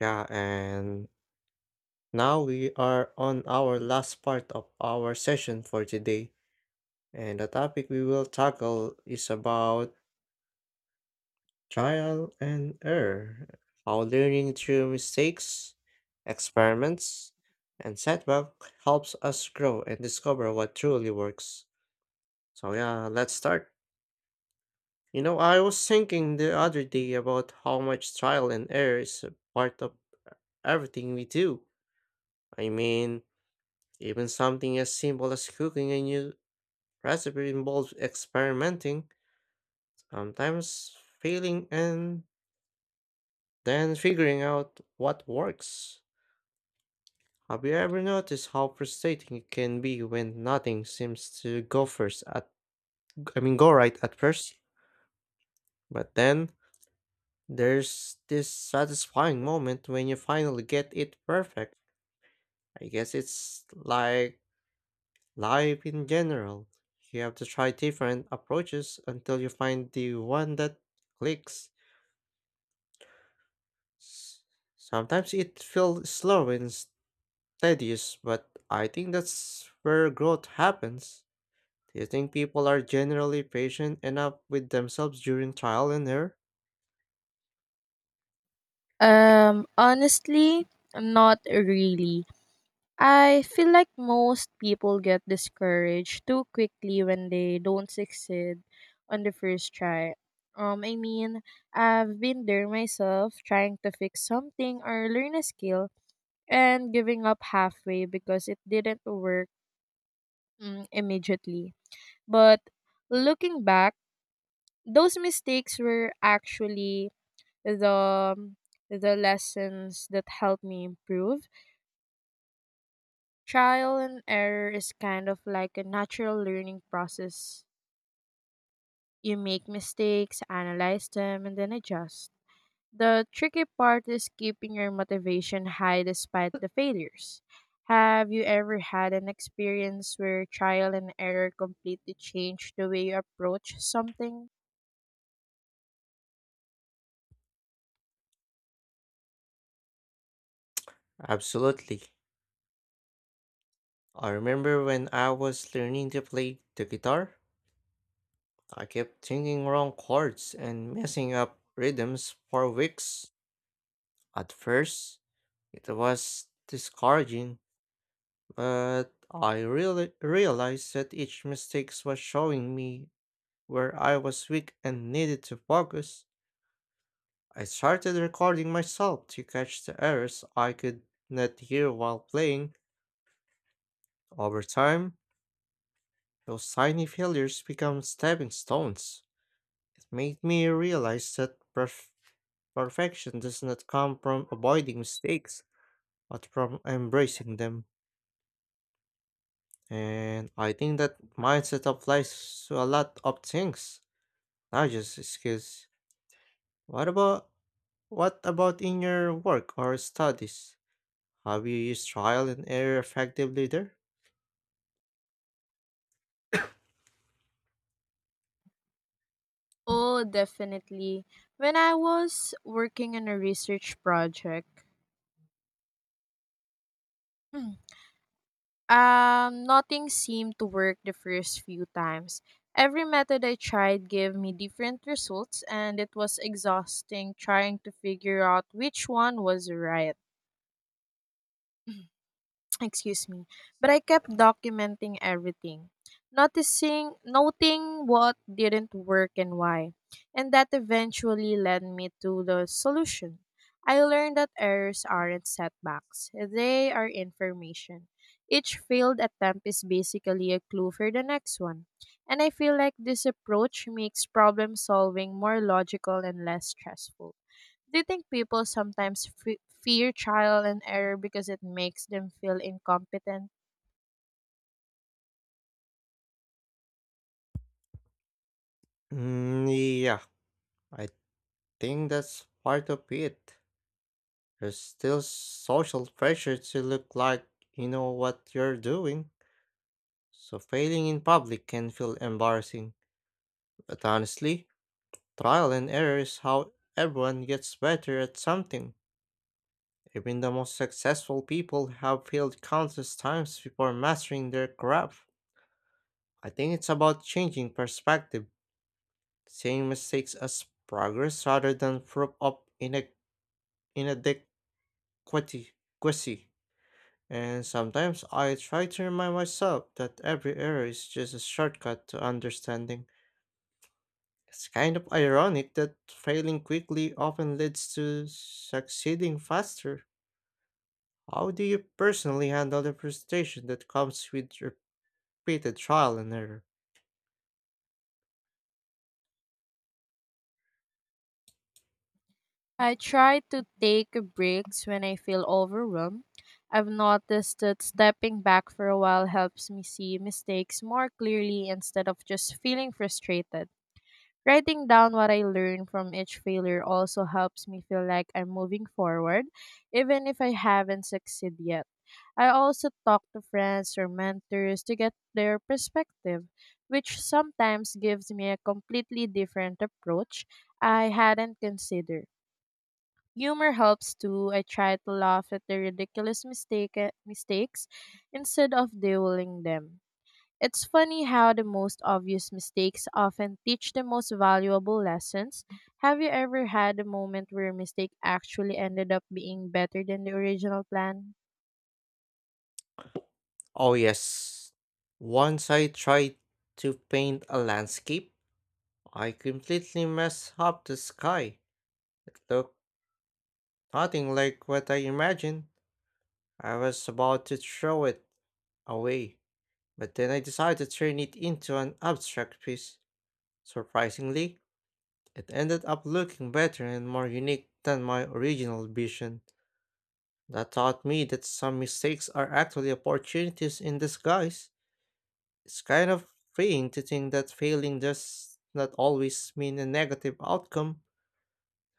Yeah, and now we are on our last part of our session for today. And the topic we will tackle is about trial and error, how learning through mistakes, experiments, and setback helps us grow and discover what truly works. So yeah, let's start. You know, I was thinking the other day about how much trial and error is a part of everything we do. I mean, even something as simple as cooking a new recipe involves experimenting, sometimes failing, and then figuring out what works. Have you ever noticed how frustrating it can be when nothing seems to go first at I mean go right at first? But then there's this satisfying moment when you finally get it perfect. I guess it's like life in general, you have to try different approaches until you find the one that clicks. S- Sometimes it feels slow and tedious, but I think that's where growth happens. Do you think people are generally patient enough with themselves during trial and error? Honestly, not really. I feel like most people get discouraged too quickly when they don't succeed on the first try. I mean, I've been there myself trying to fix something or learn a skill and giving up halfway because it didn't work immediately. But looking back, those mistakes were actually the the lessons that helped me improve. Trial and error is kind of like a natural learning process. You make mistakes, analyze them, and then adjust. The tricky part is keeping your motivation high despite the failures. Have you ever had an experience where trial and error completely changed the way you approach something? Absolutely. I remember when I was learning to play the guitar, I kept singing wrong chords and messing up rhythms for weeks. At first, it was discouraging, but I really realized that each mistake was showing me where I was weak and needed to focus. I started recording myself to catch the errors I could not hear while playing. Over time, those tiny failures become stepping stones. It made me realize that perfection does not come from avoiding mistakes, but from embracing them. And I think that mindset applies to a lot of things, not just skills. What about what about in your work or studies? Have you used trial and error effectively there? Oh, definitely. When I was working on a research project, nothing seemed to work the first few times. Every method I tried gave me different results, and it was exhausting trying to figure out which one was right. Excuse me, but I kept documenting everything, noticing noting what didn't work and why, and that eventually led me to the solution. I learned that errors aren't setbacks, they are information. Each failed attempt is basically a clue for the next one, and I feel like this approach makes problem solving more logical and less stressful. Do you think people sometimes fe fear trial and error because it makes them feel incompetent? Mm, yeah, I think that's part of it. There's still social pressure to look like you know what you're doing, so failing in public can feel embarrassing. But honestly, trial and error is how everyone gets better at something. Even the most successful people have failed countless times before mastering their craft. I think it's about changing perspective, seeing mistakes as progress rather than proof of inadequacy. Inadequacy. Quasi. And sometimes I try to remind myself that every error is just a shortcut to understanding. It's kind of ironic that failing quickly often leads to succeeding faster. How do you personally handle the frustration that comes with your created trial and error? I try to take breaks when I feel overwhelmed. I've noticed that stepping back for a while helps me see mistakes more clearly instead of just feeling frustrated. Writing down what I learned from each failure also helps me feel like I'm moving forward, even if I haven't succeeded yet. I also talk to friends or mentors to get their perspective, which sometimes gives me a completely different approach I hadn't considered. Humor helps too. I try to laugh at the ridiculous mistakes instead of dwelling them. It's funny how the most obvious mistakes often teach the most valuable lessons. Have you ever had a moment where a mistake actually ended up being better than the original plan? Oh, yes. once I tried to paint a landscape. I completely messed up the sky. It looked nothing like what I imagined. I was about to throw it away, but then I decided to turn it into an abstract piece. Surprisingly, it ended up looking better and more unique than my original vision. That taught me that some mistakes are actually opportunities in disguise. It's kind of freeing to think that failing does not always mean a negative outcome.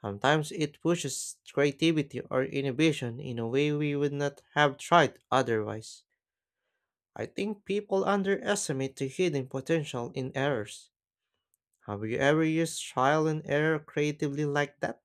Sometimes it pushes creativity or innovation in a way we would not have tried otherwise. I think people underestimate the hidden potential in errors. Have you ever used trial and error creatively like that?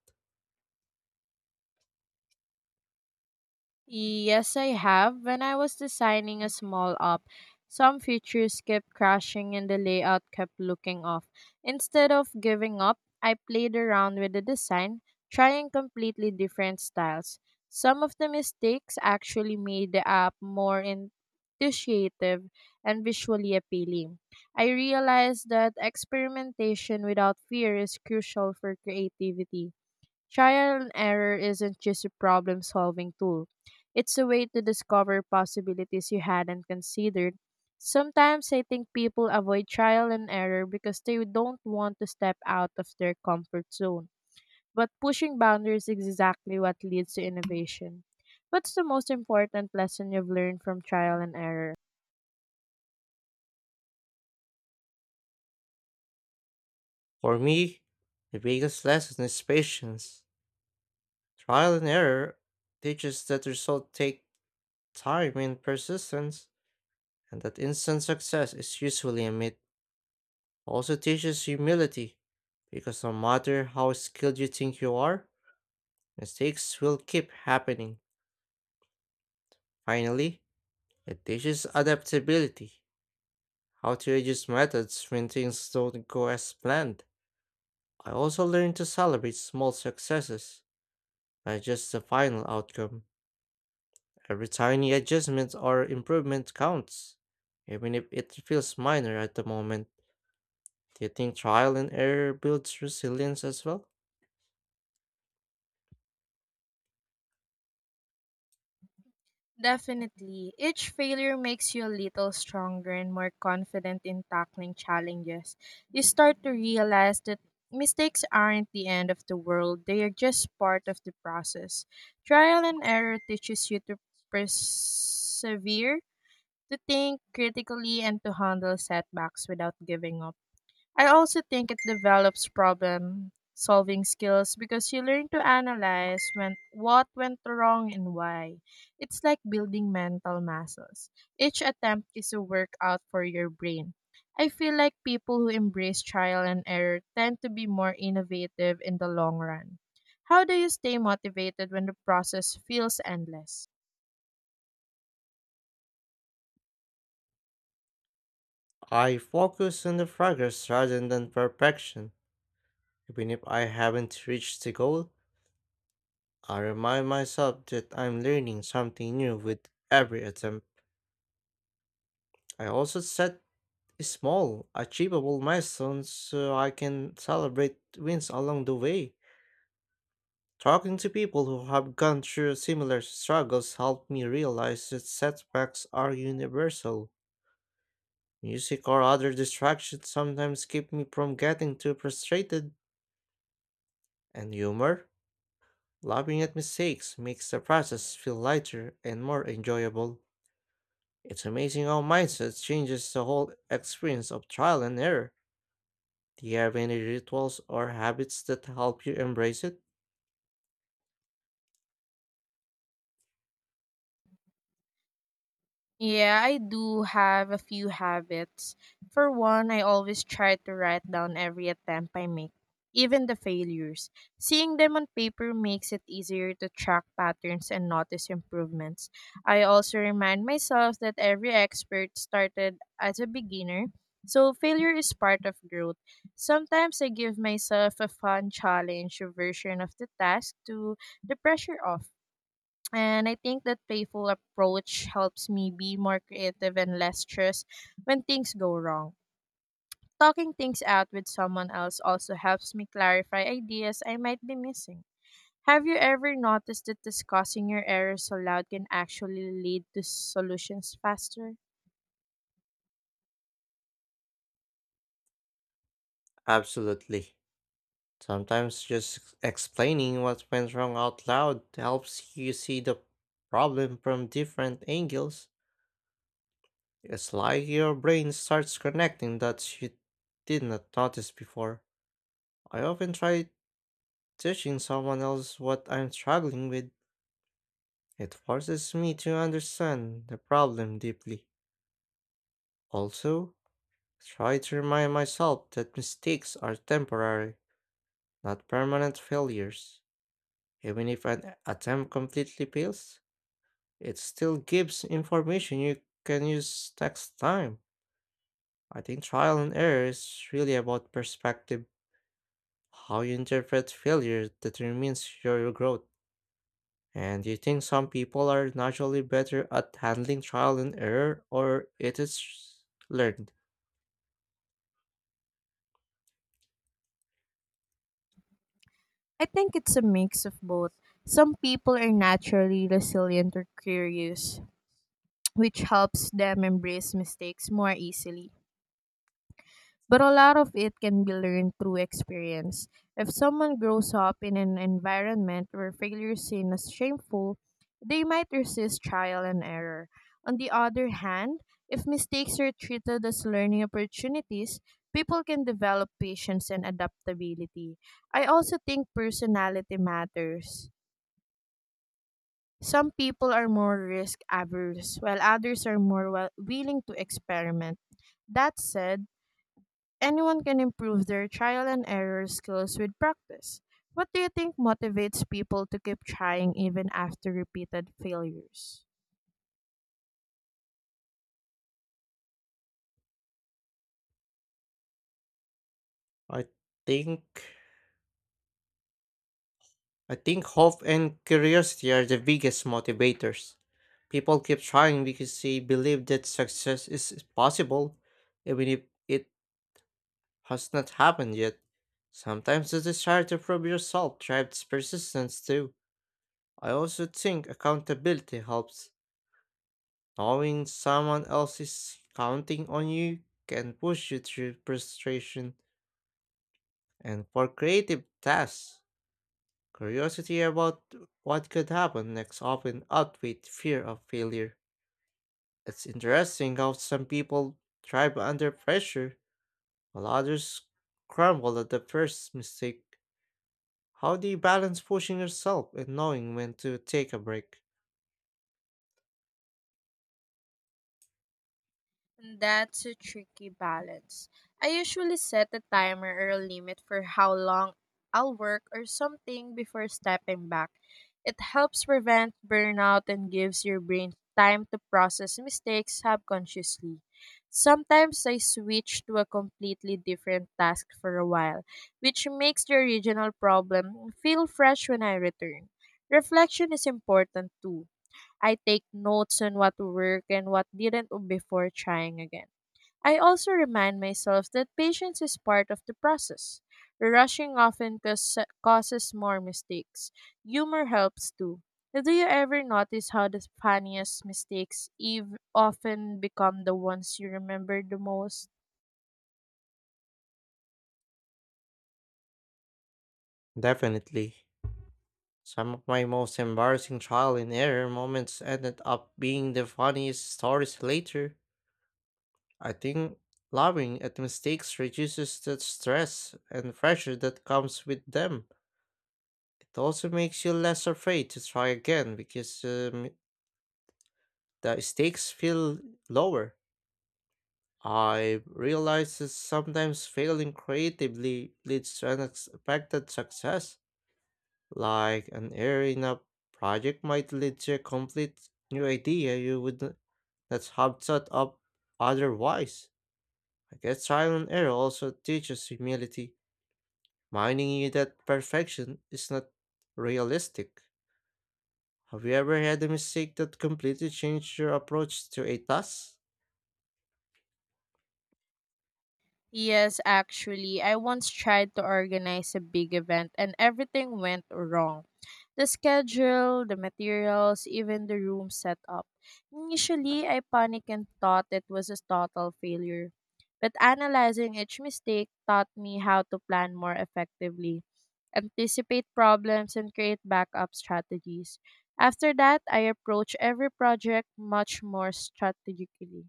Yes, I have. When I was designing a small app, some features kept crashing and the layout kept looking off. Instead of giving up, I played around with the design, trying completely different styles. Some of the mistakes actually made the app more intuitive and visually appealing. I realized that experimentation without fear is crucial for creativity. Trial and error isn't just a problem solving tool, it's a way to discover possibilities you hadn't considered. Sometimes I think people avoid trial and error because they don't want to step out of their comfort zone. But pushing boundaries is exactly what leads to innovation. What's the most important lesson you've learned from trial and error? For me, the biggest lesson is patience. Trial and error teaches that results take time and persistence, and that instant success is usually a myth. Also teaches humility, because no matter how skilled you think you are, mistakes will keep happening. Finally, it teaches adaptability, how to adjust methods when things don't go as planned. I also learned to celebrate small successes, not just the final outcome. Every tiny adjustment or improvement counts, even if it feels minor at the moment. Do you think trial and error builds resilience as well? Definitely. Each failure makes you a little stronger and more confident in tackling challenges. You start to realize that mistakes aren't the end of the world, they are just part of the process. Trial and error teaches you to persevere, to think critically, and to handle setbacks without giving up. I also think it develops problem solving skills because you learn to analyze when what went wrong and why. It's like building mental muscles. Each attempt is a workout for your brain. I feel like people who embrace trial and error tend to be more innovative in the long run. How do you stay motivated when the process feels endless? I focus on the progress rather than perfection. Even if I haven't reached the goal, I remind myself that I'm learning something new with every attempt. I also set small, achievable milestones so I can celebrate wins along the way. Talking to people who have gone through similar struggles helped me realize that setbacks are universal. Music or other distractions sometimes keep me from getting too frustrated, and humor, laughing at mistakes makes the process feel lighter and more enjoyable. It's amazing how mindset changes the whole experience of trial and error. Do you have any rituals or habits that help you embrace it? Yeah, I do have a few habits. For one, I always try to write down every attempt I make, even the failures. Seeing them on paper makes it easier to track patterns and notice improvements. I also remind myself that every expert started as a beginner, so failure is part of growth. Sometimes I give myself a fun challenge version of the task to the pressure off. And I think that playful approach helps me be more creative and less stressed when things go wrong. Talking things out with someone else also helps me clarify ideas I might be missing. Have you ever noticed that discussing your errors aloud can actually lead to solutions faster? Absolutely. Sometimes just explaining what went wrong out loud helps you see the problem from different angles. It's like your brain starts connecting that you did not notice before. I often try teaching someone else what I'm struggling with. It forces me to understand the problem deeply. Also, try to remind myself that mistakes are temporary, not permanent failures. Even if an attempt completely fails, it still gives information you can use next time. I think trial and error is really about perspective. How you interpret failure determines your growth. And do you think some people are naturally better at handling trial and error or it is learned? I think it's a mix of both. Some people are naturally resilient or curious, which helps them embrace mistakes more easily. But a lot of it can be learned through experience. If someone grows up in an environment where failure is seen as shameful, they might resist trial and error. On the other hand, if mistakes are treated as learning opportunities, people can develop patience and adaptability. I also think personality matters. Some people are more risk averse, while others are more willing to experiment. That said, anyone can improve their trial and error skills with practice. What do you think motivates people to keep trying even after repeated failures? I think I think hope and curiosity are the biggest motivators. People keep trying because they believe that success is possible, even if it has not happened yet. Sometimes the desire to prove yourself drives persistence too. I also think accountability helps. Knowing someone else is counting on you can push you through frustration. And for creative tasks, curiosity about what could happen next often outweighs fear of failure. It's interesting how some people thrive under pressure, while others crumble at the first mistake. How do you balance pushing yourself and knowing when to take a break? That's a tricky balance. I usually set a timer or a limit for how long I'll work or something before stepping back. It helps prevent burnout and gives your brain time to process mistakes subconsciously. Sometimes I switch to a completely different task for a while, which makes the original problem feel fresh when I return. Reflection is important too. I take notes on what worked and what didn't before trying again. I also remind myself that patience is part of the process. Rushing often causes more mistakes. Humor helps too. Do you ever notice how the funniest mistakes eve often become the ones you remember the most? Definitely. Some of my most embarrassing trial and error moments ended up being the funniest stories later. I think laughing at mistakes reduces the stress and pressure that comes with them. It also makes you less afraid to try again because the stakes feel lower. I realize that sometimes failing creatively leads to unexpected success. Like an area in a project might lead to a complete new idea you not have thought of otherwise. I guess trial and error also teaches humility, reminding you that perfection is not realistic. Have you ever had a mistake that completely changed your approach to a task? Yes, actually, I once tried to organize a big event and everything went wrong. The schedule, the materials, even the room setup. Initially, I panicked and thought it was a total failure. But analyzing each mistake taught me how to plan more effectively, anticipate problems, and create backup strategies. After that, I approach every project much more strategically.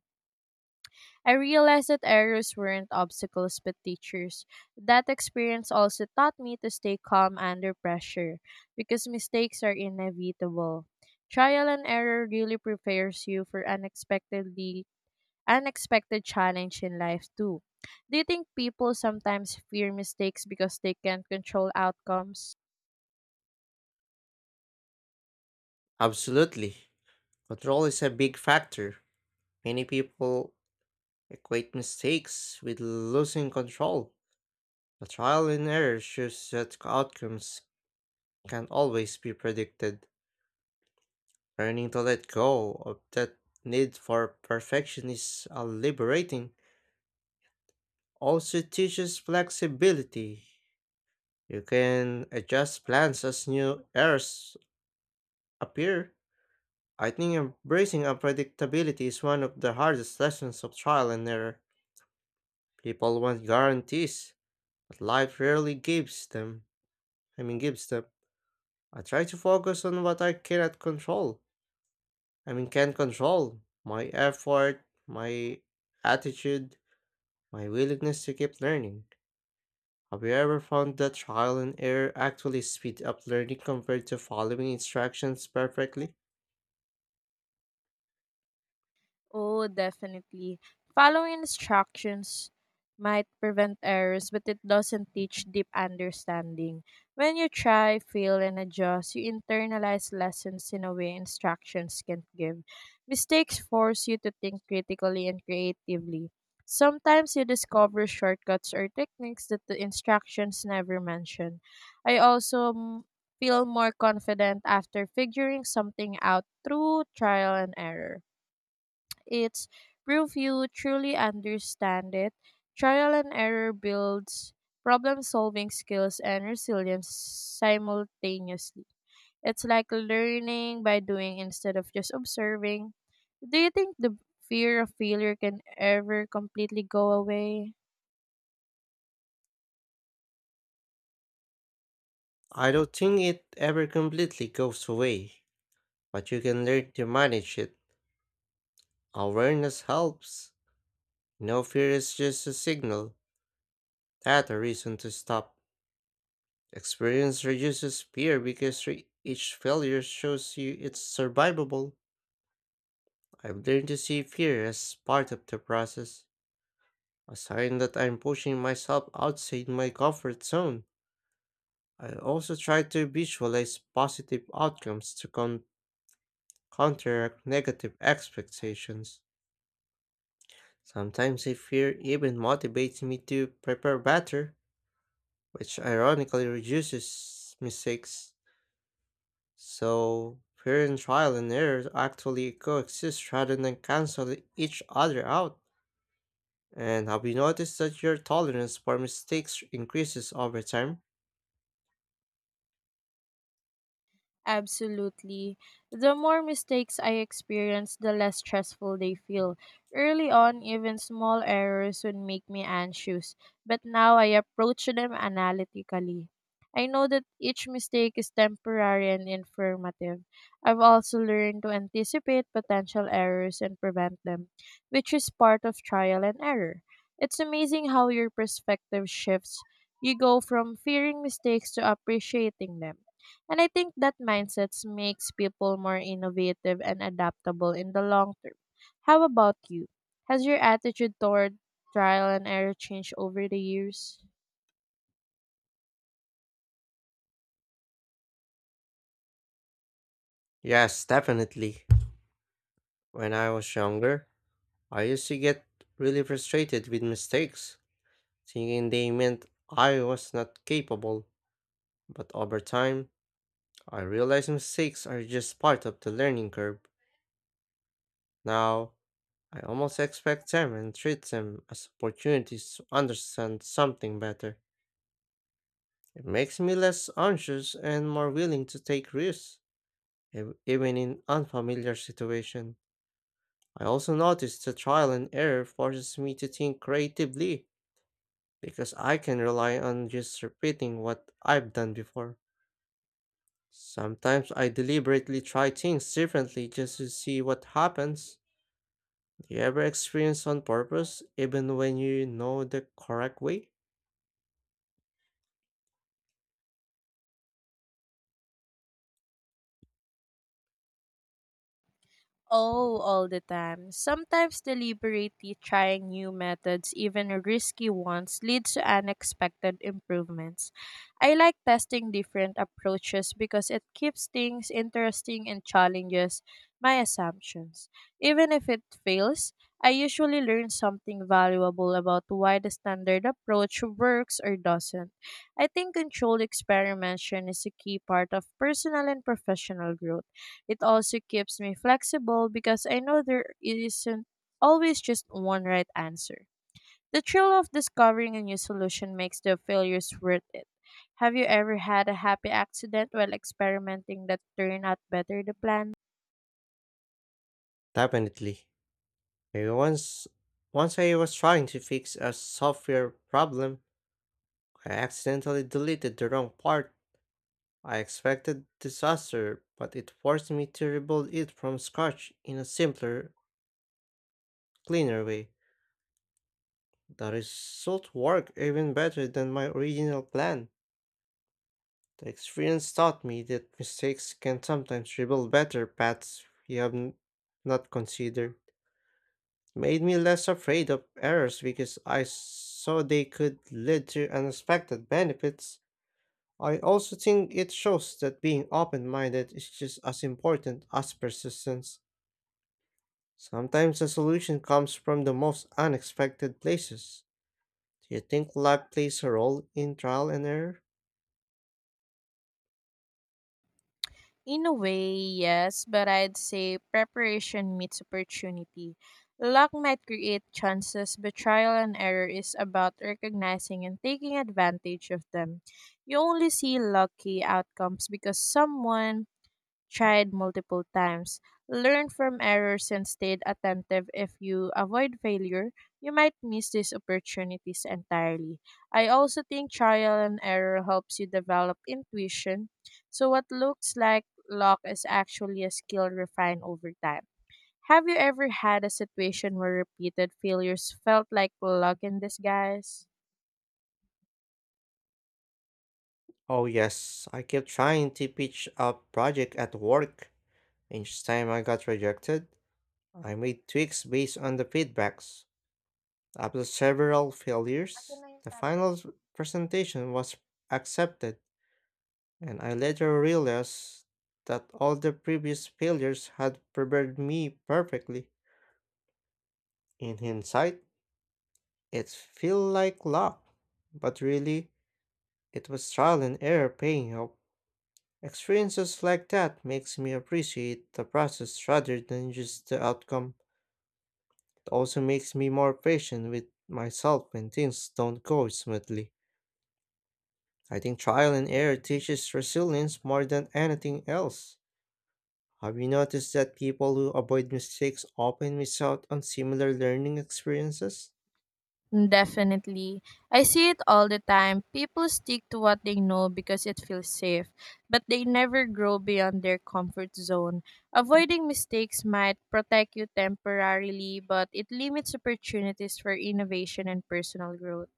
I realized that errors weren't obstacles but teachers. That experience also taught me to stay calm under pressure because mistakes are inevitable. Trial and error really prepares you for unexpected challenge in life too. Do you think people sometimes fear mistakes because they can't control outcomes? Absolutely. Control is a big factor. Many people equate mistakes with losing control, but trial and error shows that outcomes can always be predicted. Learning to let go of that need for perfection is a liberating. Also teaches flexibility. You can adjust plans as new errors appear. I think embracing unpredictability is one of the hardest lessons of trial and error. People want guarantees, but life rarely gives them. I try to focus on what I cannot control I mean, can control: my effort, my attitude, my willingness to keep learning. Have you ever found that trial and error actually speed up learning compared to following instructions perfectly? Oh, definitely. Following instructions might prevent errors, but it doesn't teach deep understanding. When you try, fail, and adjust, you internalize lessons in a way instructions can't give. Mistakes force you to think critically and creatively. Sometimes you discover shortcuts or techniques that the instructions never mention. I also feel more confident after figuring something out through trial and error. It's proof you truly understand it. Trial and error builds problem solving skills and resilience simultaneously. It's like learning by doing instead of just observing. Do you think the fear of failure can ever completely go away? I don't think it ever completely goes away, but you can learn to manage it. Awareness helps. No fear is just a signal, not a reason to stop. Experience reduces fear because each failure shows you it's survivable. I've learned to see fear as part of the process, a sign that I'm pushing myself outside my comfort zone. I also try to visualize positive outcomes to counteract negative expectations. Sometimes a fear even motivates me to prepare better, which ironically reduces mistakes. So, fear and trial and error actually coexist rather than cancel each other out. And have you noticed that your tolerance for mistakes increases over time? Absolutely. The more mistakes I experience, the less stressful they feel. Early on, even small errors would make me anxious, but now I approach them analytically. I know that each mistake is temporary and informative. I've also learned to anticipate potential errors and prevent them, which is part of trial and error. It's amazing how your perspective shifts. You go from fearing mistakes to appreciating them. And I think that mindsets makes people more innovative and adaptable in the long term. How about you? Has your attitude toward trial and error changed over the years? Yes, definitely. When I was younger, I used to get really frustrated with mistakes, thinking they meant I was not capable. But over time, I realized mistakes are just part of the learning curve. Now, I almost expect them and treat them as opportunities to understand something better. It makes me less anxious and more willing to take risks, even in unfamiliar situation. I also noticed that trial and error forces me to think creatively because I can rely on just repeating what I've done before. Sometimes I deliberately try things differently just to see what happens. Do you ever experience on purpose even when you know the correct way? Oh, all the time. Sometimes deliberately trying new methods, even risky ones, leads to unexpected improvements. I like testing different approaches because it keeps things interesting and challenges my assumptions. Even if it fails, I usually learn something valuable about why the standard approach works or doesn't. I think controlled experimentation is a key part of personal and professional growth. It also keeps me flexible because I know there isn't always just one right answer. The thrill of discovering a new solution makes the failures worth it. Have you ever had a happy accident while experimenting that turned out better than planned? Definitely. I once once I was trying to fix a software problem. I accidentally deleted the wrong part. I expected disaster, but it forced me to rebuild it from scratch in a simpler, cleaner way. The result worked even better than my original plan. The experience taught me that mistakes can sometimes reveal better paths we not considered. It made me less afraid of errors because I saw they could lead to unexpected benefits. I also think it shows that being open minded is just as important as persistence. Sometimes the solution comes from the most unexpected places. Do you think luck plays a role in trial and error? In a way, yes, but I'd say preparation meets opportunity. Luck might create chances, but trial and error is about recognizing and taking advantage of them. You only see lucky outcomes because someone tried multiple times, learn from errors, and stayed attentive. If you avoid failure, you might miss these opportunities entirely. I also think trial and error helps you develop intuition. So, what looks like luck is actually a skill refined over time. Have you ever had a situation where repeated failures felt like luck in disguise? Oh, yes. I kept trying to pitch a project at work. Each time I got rejected, I made tweaks based on the feedbacks. After several failures, the presentation was accepted, and I later realized that all the previous failures had prepared me perfectly. In hindsight, it feel like luck, but really, it was trial and error paying off. Experiences like that makes me appreciate the process rather than just the outcome. It also makes me more patient with myself when things don't go smoothly. I think trial and error teaches resilience more than anything else. Have you noticed that people who avoid mistakes often miss out on similar learning experiences? Definitely. I see it all the time. People stick to what they know because it feels safe, but they never grow beyond their comfort zone. Avoiding mistakes might protect you temporarily, but it limits opportunities for innovation and personal growth.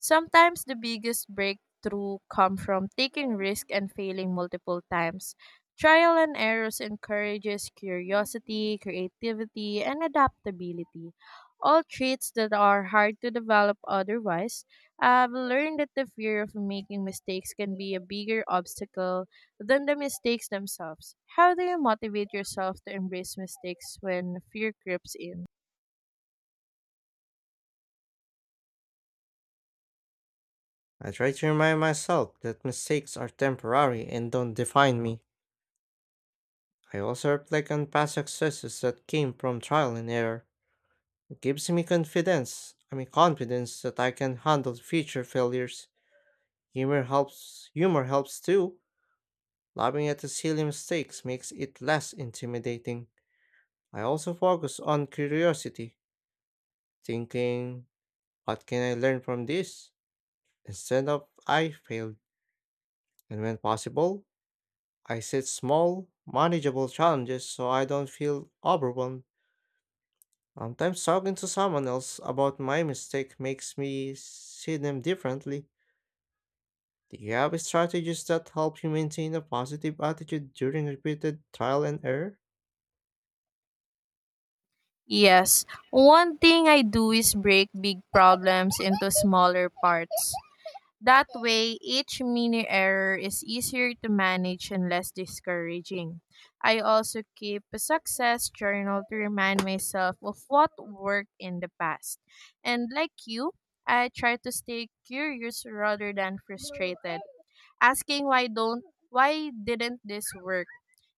Sometimes the biggest breakthrough come from taking risk and failing multiple times. Trial and errors encourages curiosity, creativity, and adaptability. All traits that are hard to develop otherwise. I've learned that the fear of making mistakes can be a bigger obstacle than the mistakes themselves. How do you motivate yourself to embrace mistakes when fear creeps in? I try to remind myself that mistakes are temporary and don't define me. I also reflect on past successes that came from trial and error. It gives me confidence that I can handle future failures. Humor helps too. Laughing at the silly mistakes makes it less intimidating. I also focus on curiosity, thinking, what can I learn from this? Instead of I failed. And when possible, I set small, manageable challenges so I don't feel overwhelmed. Sometimes talking to someone else about my mistake makes me see them differently. Do you have strategies that help you maintain a positive attitude during repeated trial and error? Yes, one thing I do is break big problems into smaller parts. That way, each mini error is easier to manage and less discouraging. I also keep a success journal to remind myself of what worked in the past. And like you, I try to stay curious rather than frustrated, asking why didn't this work,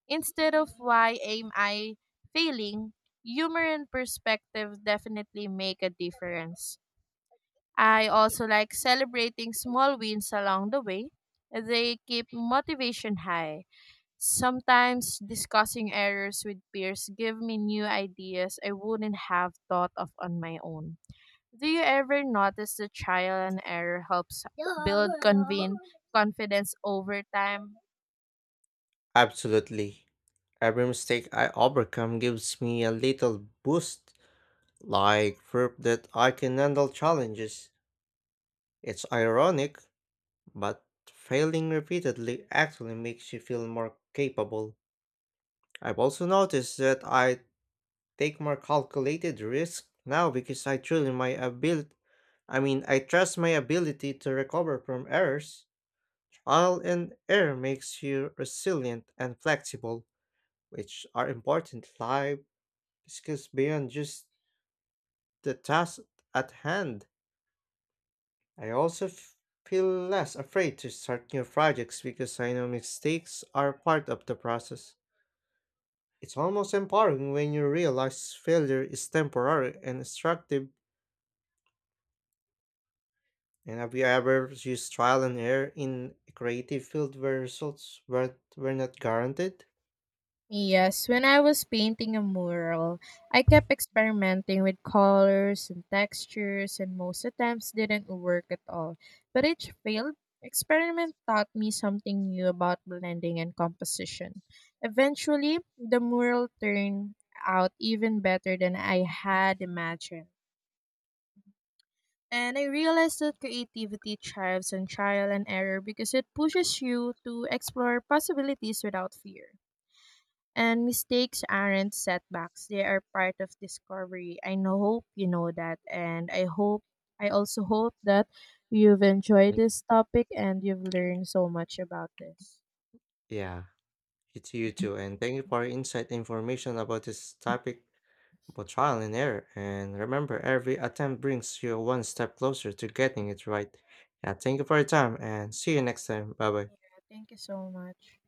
instead of why am I failing. Humor and perspective definitely make a difference. I also like celebrating small wins along the way. They keep motivation high. Sometimes discussing errors with peers give me new ideas I wouldn't have thought of on my own. Do you ever notice the trial and error helps build confidence over time? Absolutely. Every mistake I overcome gives me a little boost, like proof that I can handle challenges. It's ironic, but failing repeatedly actually makes you feel more capable. I've also noticed that I take more calculated risk now because I truly my ability I mean I trust my ability to recover from errors. Trial and error makes you resilient and flexible, which are important life skills beyond just the task at hand. I also feel less afraid to start new projects because I know mistakes are part of the process. It's almost empowering when you realize failure is temporary and instructive. And have you ever used trial and error in a creative field where results were not guaranteed? Yes, when I was painting a mural, I kept experimenting with colors and textures, and most attempts didn't work at all. But each failed experiment taught me something new about blending and composition. Eventually, the mural turned out even better than I had imagined. And I realized that creativity thrives on trial and error because it pushes you to explore possibilities without fear. And mistakes aren't setbacks. They are part of discovery. I know hope you know that. And I hope I also hope that you've enjoyed this topic and you've learned so much about this. Yeah, it's you too. And thank you for your insight and information about this topic about trial and error. And remember, every attempt brings you one step closer to getting it right. Yeah, thank you for your time and see you next time. Bye bye. Yeah, thank you so much.